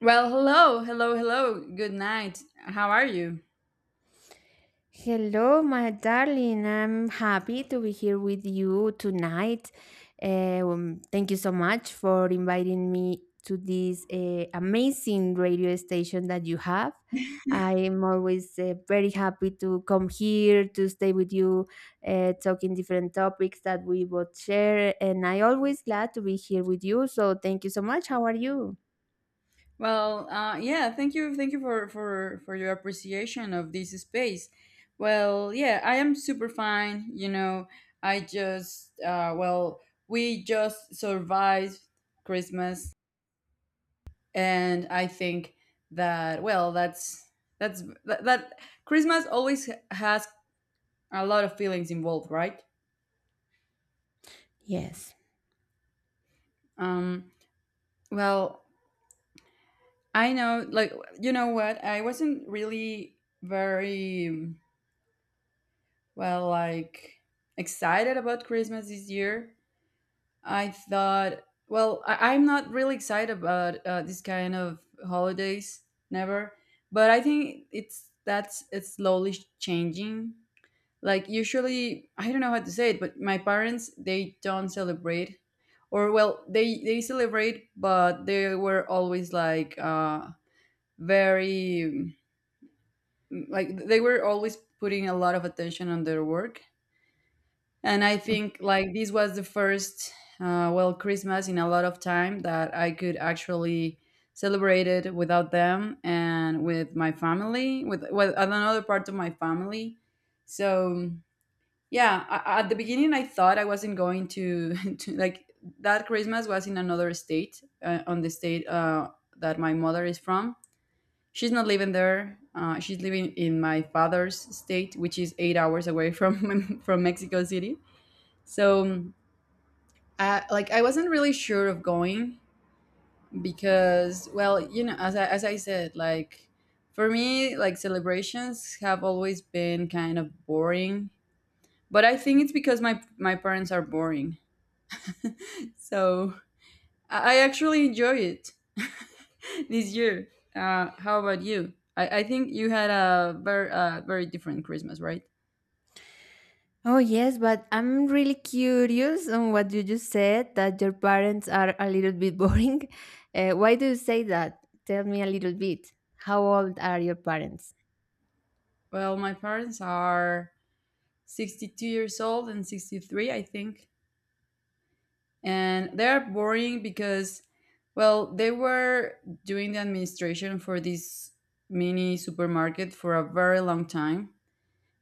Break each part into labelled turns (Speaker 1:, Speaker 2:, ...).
Speaker 1: Well, hello, hello, hello. Good night. How are you?
Speaker 2: Hello, my darling. I'm happy to be here with you tonight. Thank you so much for inviting me to this amazing radio station that you have. I'm always very happy to come here to stay with you, talking different topics that we both share. And I always glad to be here with you. So thank you so much. How are you?
Speaker 1: Well, yeah. Thank you, for your appreciation of this space. Well, yeah, I am super fine. You know, I just we just survived Christmas, and I think that that Christmas always has a lot of feelings involved, right?
Speaker 2: Yes.
Speaker 1: Um, well, I know, like, you know what? I wasn't really very, well, like, excited about Christmas this year. I thought, well, I'm not really excited about this kind of holidays, never. But I think it's slowly changing. Like, usually, I don't know how to say it, but my parents, they don't celebrate. Or, well, they celebrate, but they were always like, very like they were always putting a lot of attention on their work. And I think like this was the first Christmas in a lot of time that I could actually celebrate it without them and with my family with another part of my family. So yeah, at the beginning I thought I wasn't going to, to like that Christmas was in another state, on the state that my mother is from. She's not living there. She's living in my father's state, which is 8 hours away from from Mexico City. So, I, like, I wasn't really sure of going because, well, you know, as I said, like, for me, like, celebrations have always been kind of boring. But I think it's because my parents are boring. So I actually enjoy it this year. How about you? I think you had a very very different Christmas, right?
Speaker 2: Oh, yes, but I'm really curious on what you just said that your parents are a little bit boring. Why do you say that? Tell me a little bit. How old are your parents?
Speaker 1: Well, my parents are 62 years old and 63, I think. And they're boring because, well, they were doing the administration for this mini supermarket for a very long time.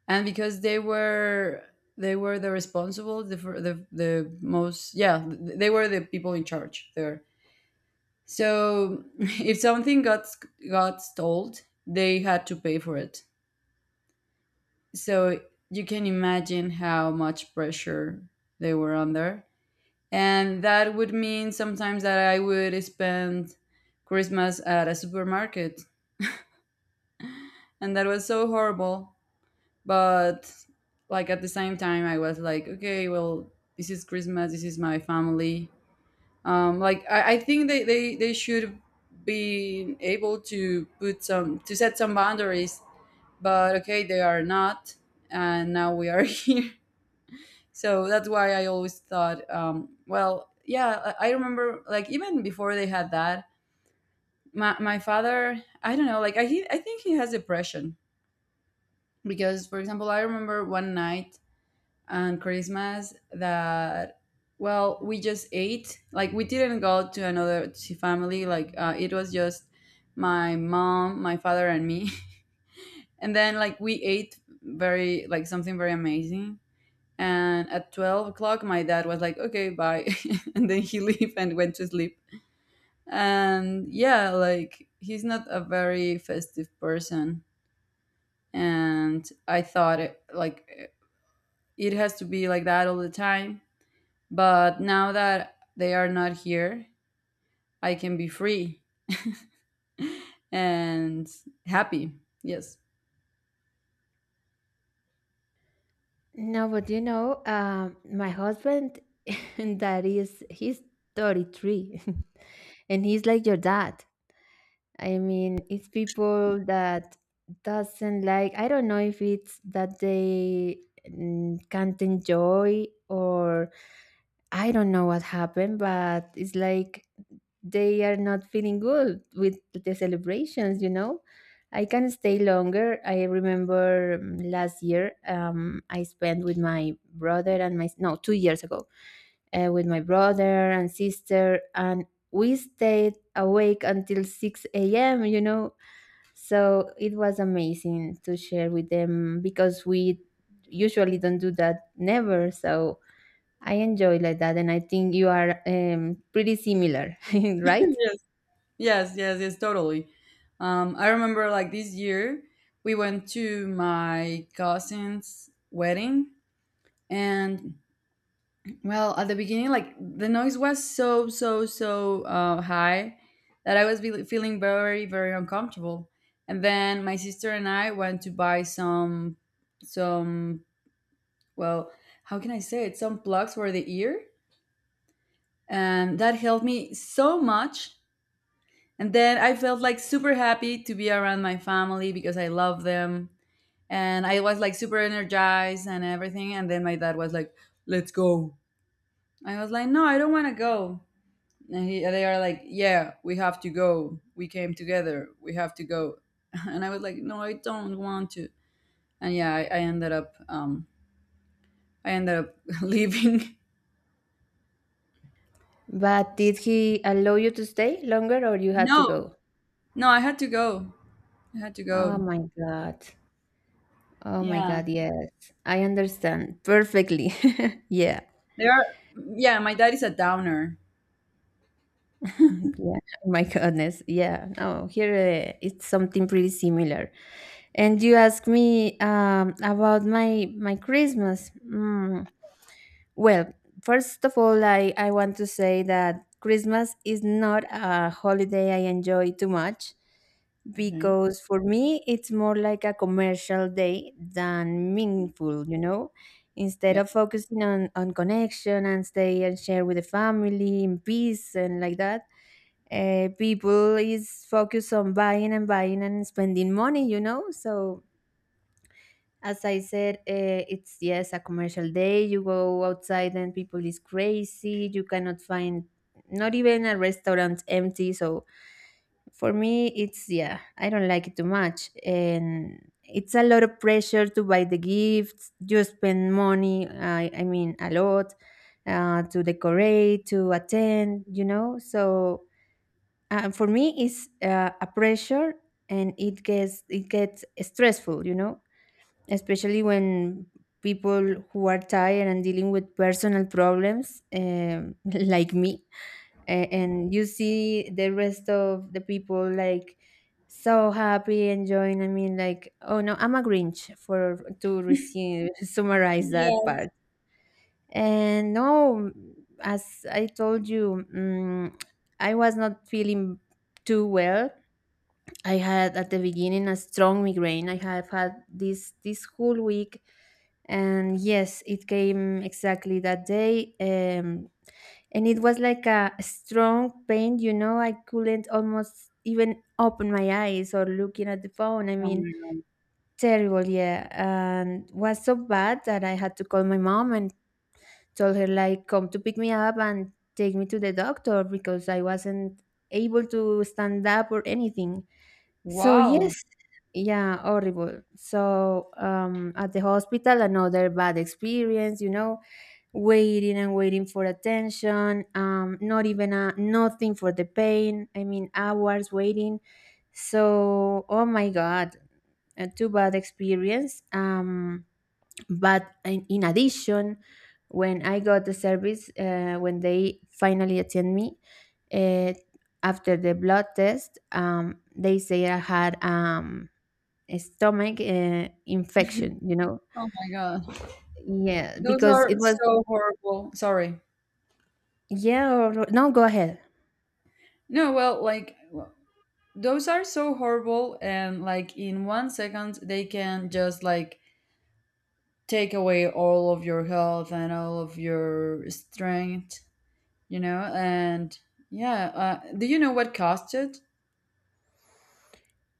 Speaker 1: And because they were the responsible they were the people in charge there. So if something got stole, they had to pay for it. So you can imagine how much pressure they were under. And that would mean sometimes that I would spend Christmas at a supermarket. And that was so horrible. But like at the same time I was like, okay, well, this is Christmas, this is my family. I think they should be able to put some to set some boundaries, but okay, they are not, and now we are here. So that's why I always thought, yeah, I remember like even before they had that, my father, I don't know, I think he has depression because for example I remember one night and Christmas that, well, we just ate, like we didn't go to another to family, like it was just my mom, my father, and me. And then like we ate very like something very amazing. And at 12 o'clock, my dad was like, "Okay, bye," and then he left and went to sleep. And yeah, like he's not a very festive person. And I thought like it has to be like that all the time. But now that they are not here, I can be free and happy. Yes.
Speaker 2: No, but you know, my husband, that is, he's 33 and he's like your dad. I mean, it's people that doesn't like. I don't know if it's that they can't enjoy, or I don't know what happened, but it's like they are not feeling good with the celebrations. You know, I can stay longer. I remember last year, I spent with my brother and my, no, 2 years ago, with my brother and sister, and we stayed awake until 6 a.m., you know. So it was amazing to share with them, because we usually don't do that, never. So I enjoy like that, and I think you are pretty similar, right?
Speaker 1: Yes. Yes, yes, yes, totally. I remember like this year, we went to my cousin's wedding. And well, at the beginning, like the noise was so, so, so high that feeling very, very uncomfortable. And then my sister and I went to buy some some well, how can I say it? Some plugs for the ear. And that helped me so much. And then I felt like super happy to be around my family because I love them. And I was like super energized and everything. And then my dad was like, let's go. I was like, no, I don't want to go. And he, they are like, yeah, we have to go. We came together. We have to go. And I was like, no, I don't want to. And yeah, I ended up leaving.
Speaker 2: But did he allow you to stay longer, or you had to
Speaker 1: No,
Speaker 2: go?
Speaker 1: no, I had to go. I had to
Speaker 2: Oh
Speaker 1: go.
Speaker 2: my God. Oh my
Speaker 1: Yeah.
Speaker 2: God, yes. I understand perfectly. Yeah.
Speaker 1: There are, yeah, my dad is a downer.
Speaker 2: Yeah, oh my goodness. Yeah, no, here it's something pretty similar. And you ask me about my Christmas. Well, first of all, I want to say that Christmas is not a holiday I enjoy too much,
Speaker 1: Okay.
Speaker 2: because for me it's more like a commercial day than meaningful, you know. Instead of
Speaker 1: Yep.
Speaker 2: focusing on connection and stay and share with the family in peace and like that, people is focused on buying and buying and spending money, you know. So as I said, it's yes a commercial day. You go outside and people is crazy. You cannot find not even a restaurant empty. So for me it's, yeah, I don't like it too much, and it's a lot of pressure to buy the gifts, you spend money, I mean a lot, to decorate, to attend, you know. So for me, it's a pressure, and it gets stressful. You know, especially when people who are tired and dealing with personal problems, like me. And you see the rest of the people like so happy enjoying. I mean, like, oh no, I'm a grinch, for to resume, summarize that
Speaker 1: Yes.
Speaker 2: part. And no, as I told you, I was not feeling too well. I had at the beginning a strong migraine. I have had this whole week, and yes, it came exactly that day. And it was like a strong pain. You know, I couldn't almost even open my eyes or looking at the phone. I
Speaker 1: Oh
Speaker 2: mean,
Speaker 1: my god.
Speaker 2: terrible. Yeah, and was so bad that I had to call my mom and told her like come to pick me up and take me to the doctor, because I wasn't able to stand up or anything. So yes,
Speaker 1: Wow.
Speaker 2: yeah, horrible. So at the hospital, another bad experience. You know, waiting and waiting for attention. Not even a nothing for the pain. I mean, hours waiting. So oh my god, a too bad experience. But in addition, when I got the service, when they finally attend me, uh, after the blood test, they say I had a stomach infection, you know.
Speaker 1: Oh my god.
Speaker 2: Yeah,
Speaker 1: Those
Speaker 2: because it
Speaker 1: are
Speaker 2: was,
Speaker 1: so horrible. Sorry.
Speaker 2: yeah, or no, go ahead.
Speaker 1: No, well, those are so horrible, and like in 1 second they can just like take away all of your health and all of your strength, you know? And yeah, do you know what caused it?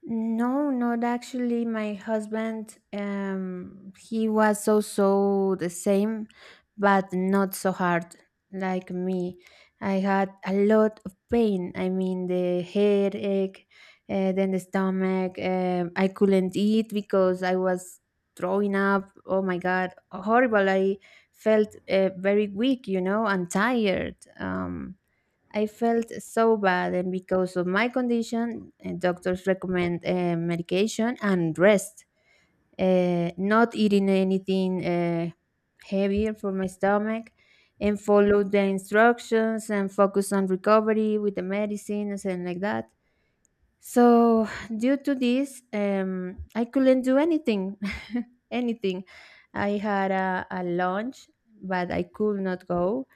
Speaker 2: No, not actually. My husband, he was also the same, but not so hard like me. I had a lot of pain. I mean, the headache, then the stomach. I couldn't eat because I was throwing up. Oh my God, horrible! I felt very weak, you know, and tired. I felt so bad, and because of my condition, doctors recommend medication and rest. Not eating anything heavier for my stomach, and follow the instructions and focus on recovery with the medicines and like that. So due to this, I couldn't do anything, anything. I had a lunch, but I could not go,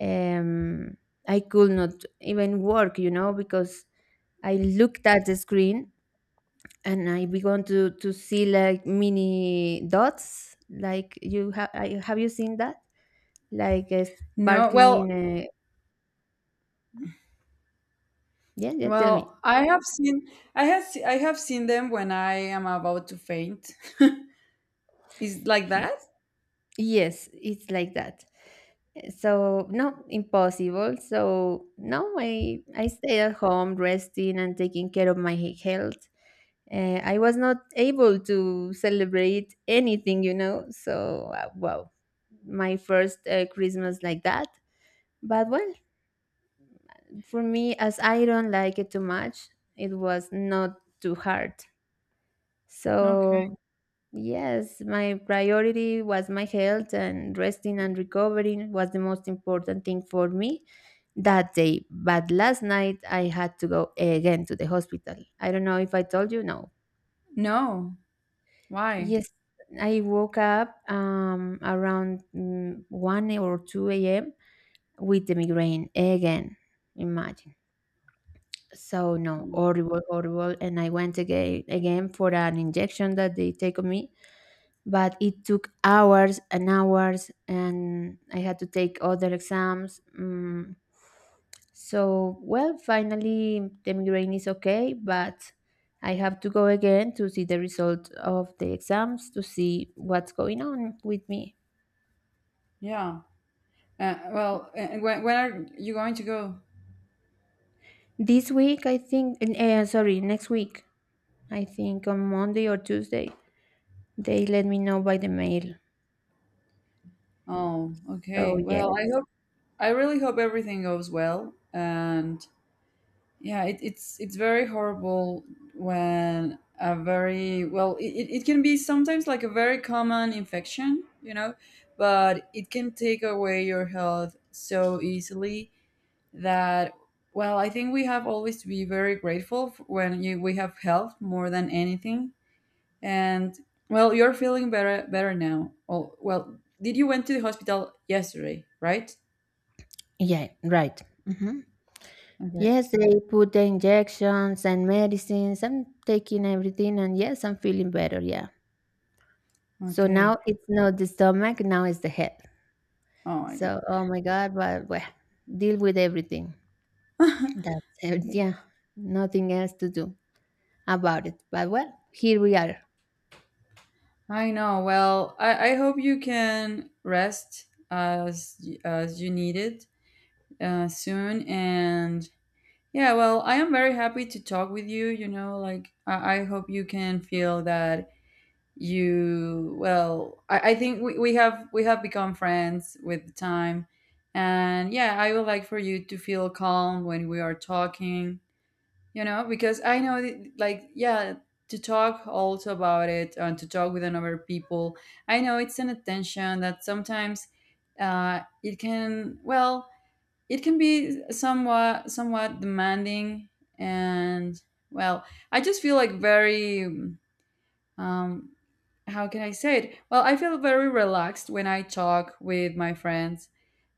Speaker 2: um, I could not even work, you know, because I looked at the screen and I began to see like mini dots. Like you have you seen that? Like a
Speaker 1: No. Well,
Speaker 2: sparkling. Uh, yeah, yeah. Tell me.
Speaker 1: I have seen, I have seen them when I am about to faint. Is like that?
Speaker 2: Yes, it's like that. Eh, so no, impossible. So no, I stayed at home resting and taking care of my health. I was not able to celebrate anything, you know. So wow, my first Christmas like that. But well, for me, as I don't like it too much, it was not too hard.
Speaker 1: Okay.
Speaker 2: So yes, my priority was my health, and resting and recovering was the most important thing for me that day. But last night I had to go again to the hospital. I don't know if I told you, no.
Speaker 1: No. Why?
Speaker 2: Yes, I woke up around 1 or 2 a.m. with the migraine again. Imagine. So, no, horrible, horrible. And I went again, again, for an injection that they take on me, but it took hours and hours, and I had to take other exams, So, well, finally the migraine is okay, but I have to go again to see the result of the exams, to see what's going on with me.
Speaker 1: Yeah. Well, when are you going to go?
Speaker 2: This week, I think, sorry, next week, I think on Monday or Tuesday. They let me know by the mail.
Speaker 1: Oh,
Speaker 2: So
Speaker 1: okay. Well, I
Speaker 2: yes,
Speaker 1: hope, I really hope everything goes well. And yeah, it's very horrible when a very well it can be sometimes like a very common infection, you know, but it can take away your health so easily that, well, I think we have always to be very grateful f when we have health more than anything. And well, you're feeling better now. Oh, well, did you went to the hospital yesterday, right?
Speaker 2: yeah, right. Mhm.
Speaker 1: Okay.
Speaker 2: Yes, they put the injections and medicines. I'm taking everything, and yes, I'm feeling better. Yeah. So now
Speaker 1: Okay.
Speaker 2: it's not the stomach, now it's the head.
Speaker 1: Oh my
Speaker 2: So,
Speaker 1: god.
Speaker 2: oh my God, but well, deal with everything. That's it. Yeah. Nothing else to do about it. But well, here we are.
Speaker 1: I know. Well, I hope you can rest as you need it, soon. And yeah, well, I am very happy to talk with you. You know, I hope you can feel that you, I think we have become friends with the time. And yeah, I would like for you to feel calm when we are talking, you know, because I know that, like, yeah, to talk also about it and to talk with another people, I know it's an attention that sometimes it can, well, it can be somewhat demanding. And well, I just feel like very, um, how can I say it? Well, I feel very relaxed when I talk with my friends,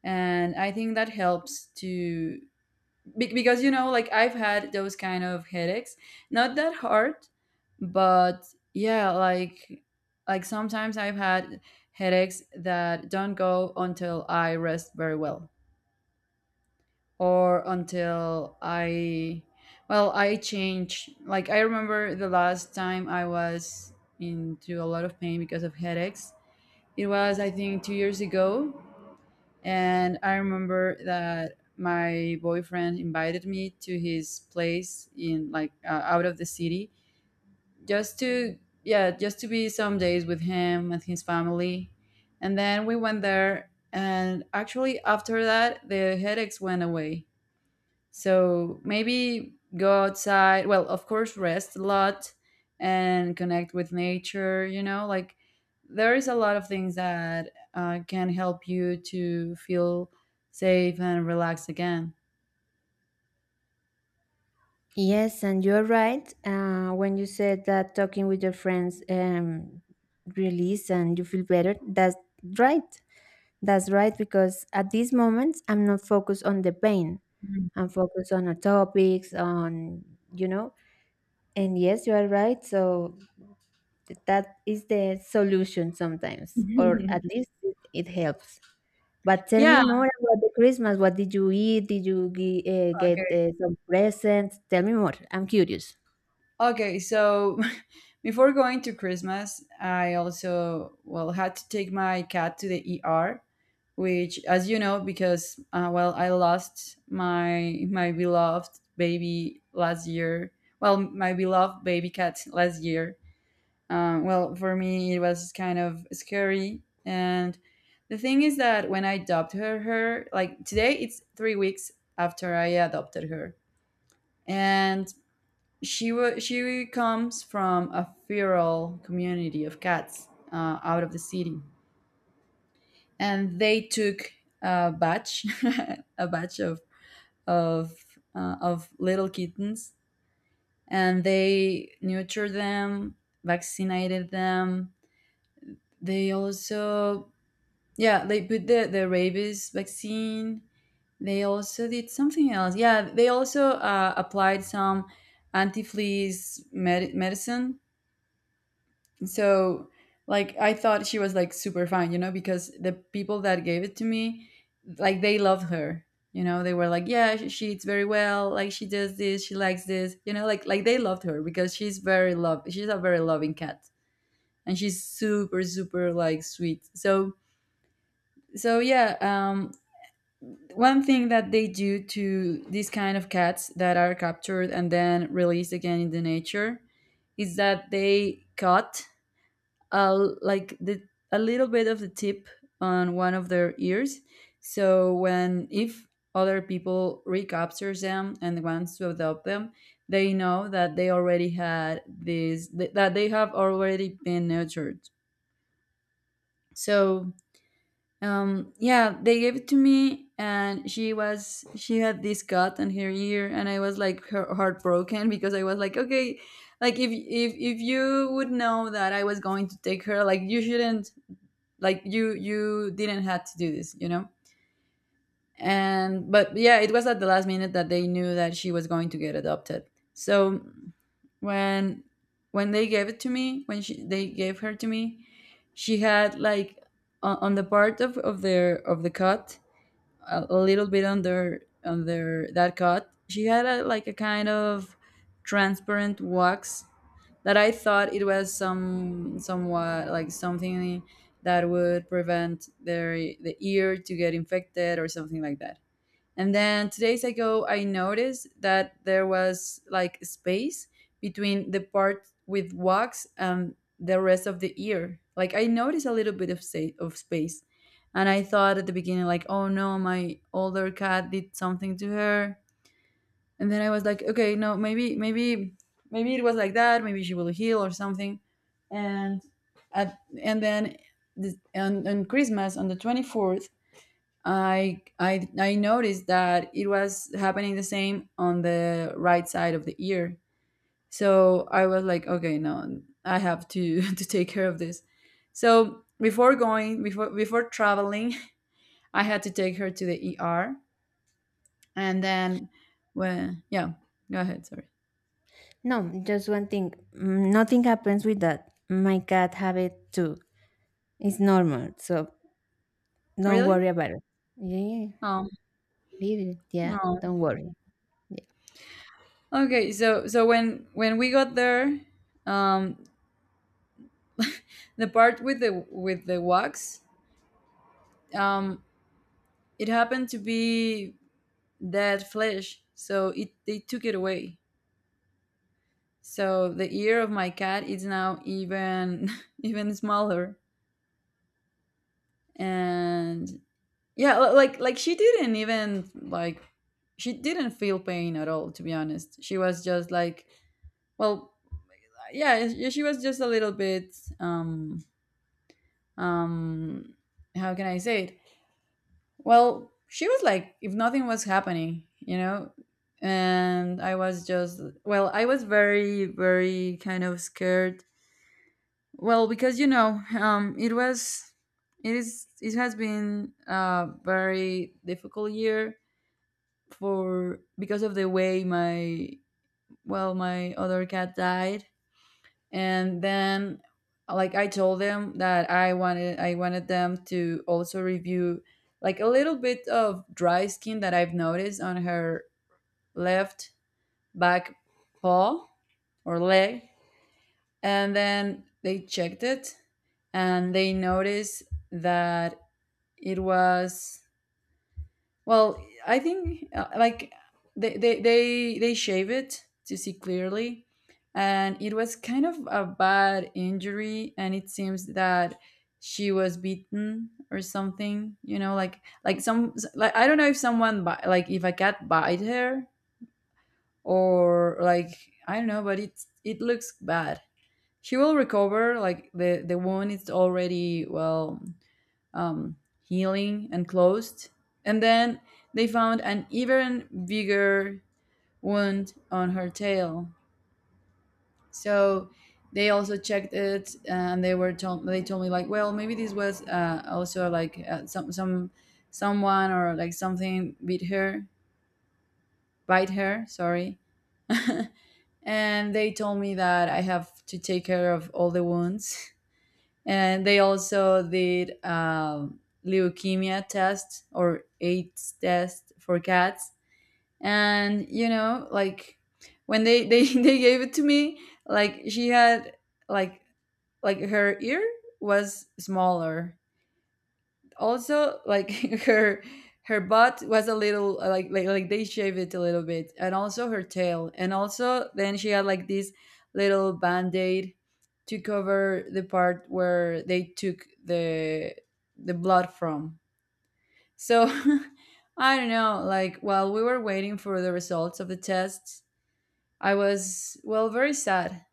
Speaker 1: and I think that helps to because you know, like I've had those kind of headaches, not that hard, but yeah, like sometimes I've had headaches that don't go until I rest very well, or until well, I change. Like, I remember the last time I was into a lot of pain because of headaches. It was, I think, 2 years ago. And I remember that my boyfriend invited me to his place in, like, out of the city, just to, yeah, just to be some days with him and his family. And then we went there. And actually, after that, the headaches went away. So maybe go outside. Well, of course, rest a lot and connect with nature. You know, like there is a lot of things that can help you to feel safe and relaxed again.
Speaker 2: Yes, and you're right. When you said that talking with your friends release and you feel better, that's right. That's right, because at this moment, I'm not focused on the pain.
Speaker 1: Mhm.
Speaker 2: And focus on our topics on, you know. And yes, you are right. So that is the solution sometimes, or at least it helps. But tell me
Speaker 1: Yeah.
Speaker 2: more about the Christmas. What did you eat? Did you get some presents? Tell me more, I'm curious.
Speaker 1: Okay, so before going to Christmas, I also well had to take my cat to the ER, which, as you know, because well, I lost my beloved baby last year. Well, my beloved baby cat last year. Well, for me, it was kind of scary. And the thing is that when I adopted her, like today, it's 3 weeks after I adopted her, and she comes from a feral community of cats out of the city, and they took a batch, a batch of of little kittens, and they nurtured them, vaccinated them. They also, yeah, they put the rabies vaccine. They also did something else. Yeah, they also applied some anti fleas medicine. So like I thought she was like super fine, you know, because the people that gave it to me, like they loved her, you know, they were like, yeah, she eats very well, like she does this, she likes this, you know, like they loved her because she's a very loving cat, and she's super like sweet. So so yeah, um, one thing that they do to these kind of cats that are captured and then released again in the nature is that they cut, like the a little bit of the tip on one of their ears. So when if other people recaptures them and wants to adopt them, they know that they already had this th- that they have already been nurtured. So yeah, they gave it to me, and she had this cut on her ear, and I was like heartbroken because I was like, okay, like if you would know that I was going to take her, like you shouldn't, like you didn't have to do this. And but yeah, it was at the last minute that they knew that she was going to get adopted. So when when they gave it to me, when she they gave her to me, she had like on the part of their of the cut, a little bit under that cut. She had like a kind of transparent wax that I thought it was somewhat like something that would prevent the ear to get infected or something like that. And then 2 days ago, I noticed that there was like space between the part with wax and the rest of the ear. Like I noticed a little bit of of space, and I thought at the beginning like, oh no, my older cat did something to her. And then I was like, okay, no, maybe maybe it was like that. Maybe she will heal or something. And at, and then on Christmas on the 24th, I noticed that it was happening the same on the right side of the ear. So I was like, okay, no, I have to to take care of this. So before going, before before traveling, I had to take her to the ER, and then when yeah, go ahead. Sorry.
Speaker 2: No, just one thing. Nothing happens with that, my cat have it too. It's normal, so don't
Speaker 1: Really?
Speaker 2: worry about it. Yeah,
Speaker 1: Oh
Speaker 2: leave it, yeah,
Speaker 1: no.
Speaker 2: don't worry. Yeah.
Speaker 1: Okay. So so when we got there, um, the part with the wax, um, it happened to be that flesh, so it they took it away, so the ear of my cat is now even even smaller. And yeah, like she didn't even like, she didn't feel pain at all, to be honest. She was just like, well, yeah, she was just a little bit, um um how can I say it? Well, she was like, if nothing was happening, And I was just, well, I was very, very kind of scared. Well, because, it is, it has been a very difficult year for, because of the way well, my other cat died. And then, like I told them that I wanted them to also review like a little bit of dry skin that I've noticed on her left back paw or leg. And then they checked it, and they noticed that it was, well, I think like they shave it to see clearly, and it was kind of a bad injury, and it seems that she was beaten or something. You know, like some like I don't know if like if a cat bite her, or like I don't know, but it looks bad. She will recover. Like the wound is already well um, healing and closed. And then they found an even bigger wound on her tail. So they also checked it, and they told me like, well, maybe this was also like some someone or like something bit her, bite her. Sorry. And they told me that I have to take care of all the wounds. And they also did leukemia test or AIDS test for cats. And you know, like when they they gave it to me, like she had like like her ear was smaller, also like her her butt was a little like they shaved it a little bit, and also her tail, and also then she had like this little band-aid to cover the part where they took the blood from. So I don't know, like while we were waiting for the results of the tests, I was, well, very sad,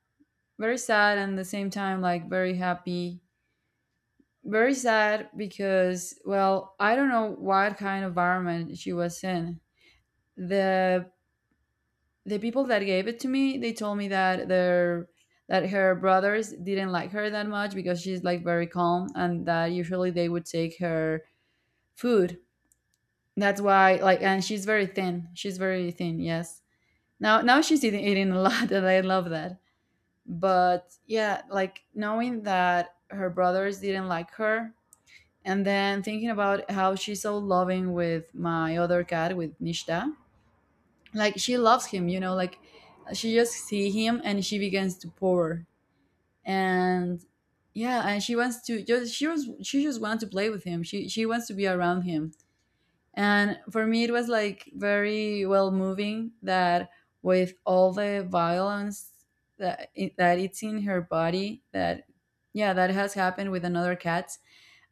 Speaker 1: very sad, and at the same time like very happy. Very sad because, well, I don't know what kind of environment she was in. The the people that gave it to me, they told me that her brothers didn't like her that much because she's like very calm, and that usually they would take her food. That's why, like, and she's very thin. She's very thin, yes. Now she's eating, eating a lot and I love that. But yeah, like knowing that her brothers didn't like her, and then thinking about how she's so loving with my other cat, with Nishta. Like she loves him, you know, like she just see him and she begins to purr. And yeah, and she wants to just, she just wants to play with him. She wants to be around him. And for me it was like very, well, moving that with all the violence that that it's in her body, that yeah, that has happened with another cat.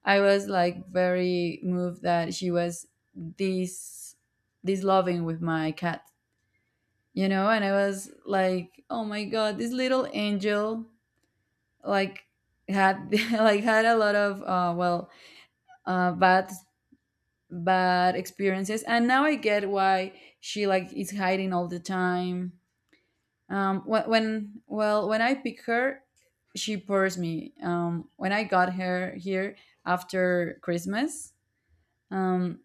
Speaker 1: I was like very moved that she was this this loving with my cat, you know, and I was like, oh my god, this little angel like had like had a lot of well, bad, bad experiences, and now I get why she like is hiding all the time. When, well, when I pick her, she pours me. When I got her here after Christmas, um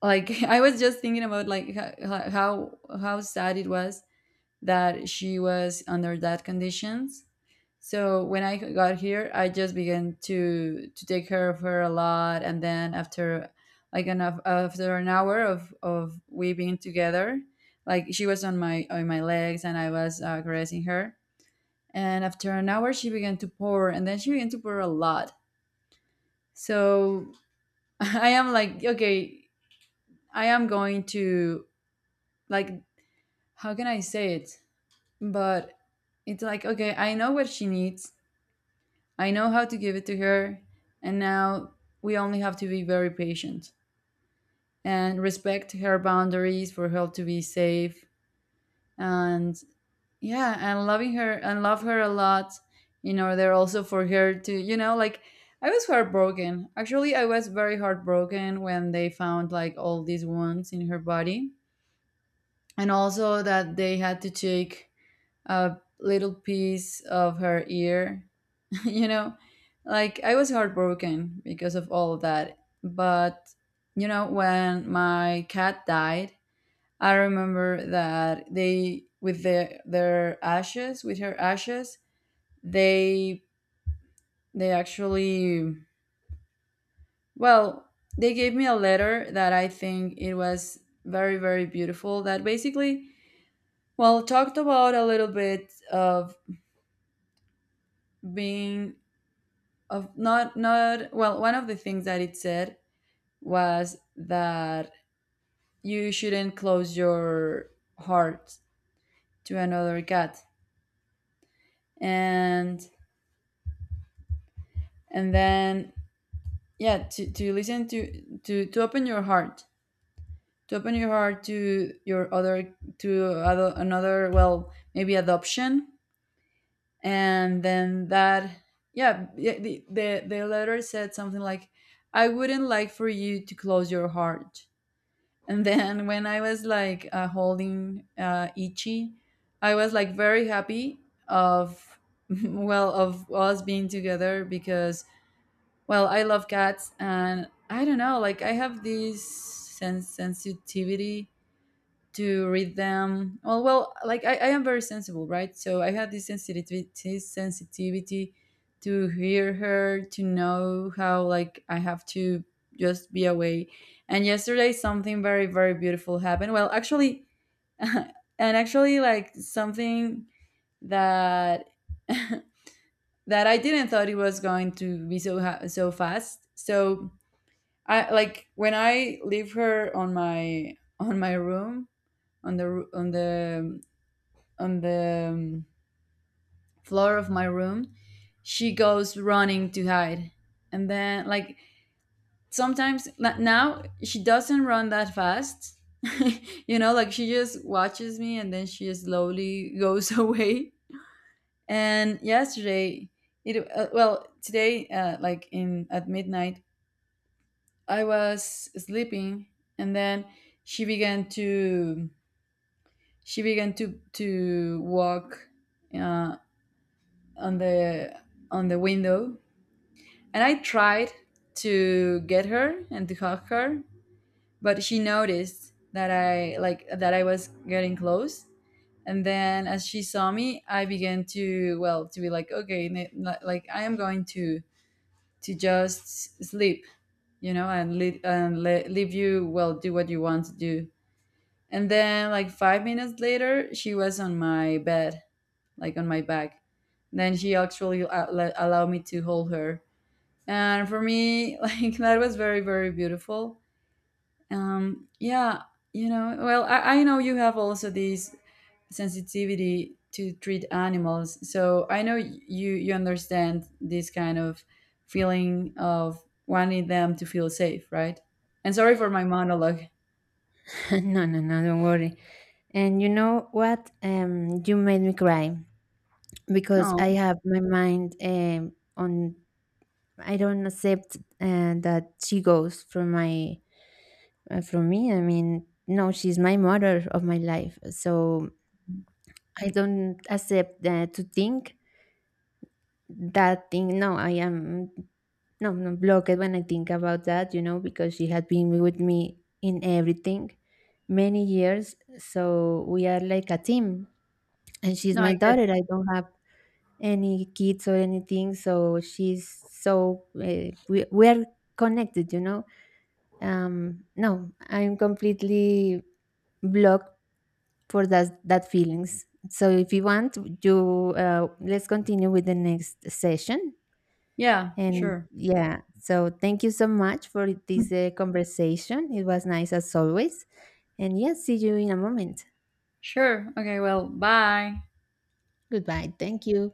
Speaker 1: like I was just thinking about like how sad it was that she was under that conditions. So when I got here, I just began to take care of her a lot, and then after, like an after an hour of we being together, like she was on my legs, and I was caressing her, and after an hour she began to pour, and then she began to pour a lot. So I am like, okay, I am going to, like, how can I say it? But it's like, okay, I know what she needs. I know how to give it to her, and now we only have to be very patient and respect her boundaries for her to be safe, and yeah, and loving her and love her a lot in order also for her to, you know, like, I was heartbroken. Actually, I was very heartbroken when they found like all these wounds in her body, and also that they had to take a little piece of her ear. You know, like I was heartbroken because of all of that. But, you know, when my cat died, I remember that their ashes, with her ashes, they, they actually, well, they gave me a letter that I think it was very, very beautiful, that basically, well, talked about a little bit of being, of not, well, one of the things that it said was that you shouldn't close your heart to another cat, and and then yeah, to listen to, to open your heart, to open your heart to your other, to another, well, maybe adoption. And then that yeah, yeah, the letter said something like, I wouldn't like for you to close your heart. And then when I was like holding Ichi, I was like very happy of well, of us being together, because, well, I love cats, and I don't know, like I have this sensitivity to read them. Well, well, like I am very sensible, right? So I had this sensitivity to hear her, to know how, like I have to just be away. And yesterday, something very, very beautiful happened. Well, actually, and actually, like something that that I didn't thought it was going to be so so fast. So I like when I leave her on my room, on the on the on the floor of my room, she goes running to hide. And then, like, sometimes now she doesn't run that fast. You know, like she just watches me and then she slowly goes away. And yesterday, it well, today, like in at midnight, I was sleeping, and then she began to she began to walk uh, on the on the window, and I tried to get her and to hug her, but she noticed that I, like that I was getting close. And then as she saw me, I began to, well, to be like, okay, like I am going to just sleep, you know, and leave and leave you, well, do what you want to do. And then like 5 minutes later, she was on my bed, like on my back. Then she actually allowed me to hold her, and for me like that was very, very beautiful. Yeah, you know, well, I know you have also this sensitivity to treat animals, so I know you you understand this kind of feeling of wanting them to feel safe, right? And sorry for my monologue.
Speaker 2: No, no, no, don't worry. And you know what? You made me cry, because
Speaker 1: No
Speaker 2: I have my mind on. I don't accept that she goes from my, from me. I mean, no, she's my mother of my life, so I don't accept to think that thing. No, I am no, no blocked when I think about that. You know, because she had been with me in everything many years, so we are like a team, and she's
Speaker 1: no I
Speaker 2: my
Speaker 1: get
Speaker 2: daughter. I don't have any kids or anything, so she's so, we're connected, you know. No, I'm completely blocked for that feelings. So if you want, you, let's continue with the next session.
Speaker 1: yeah
Speaker 2: And
Speaker 1: sure,
Speaker 2: yeah, so thank you so much for this conversation. It was nice as always. And yes, see you in a moment.
Speaker 1: sure, okay, well, bye.
Speaker 2: Goodbye. Thank you.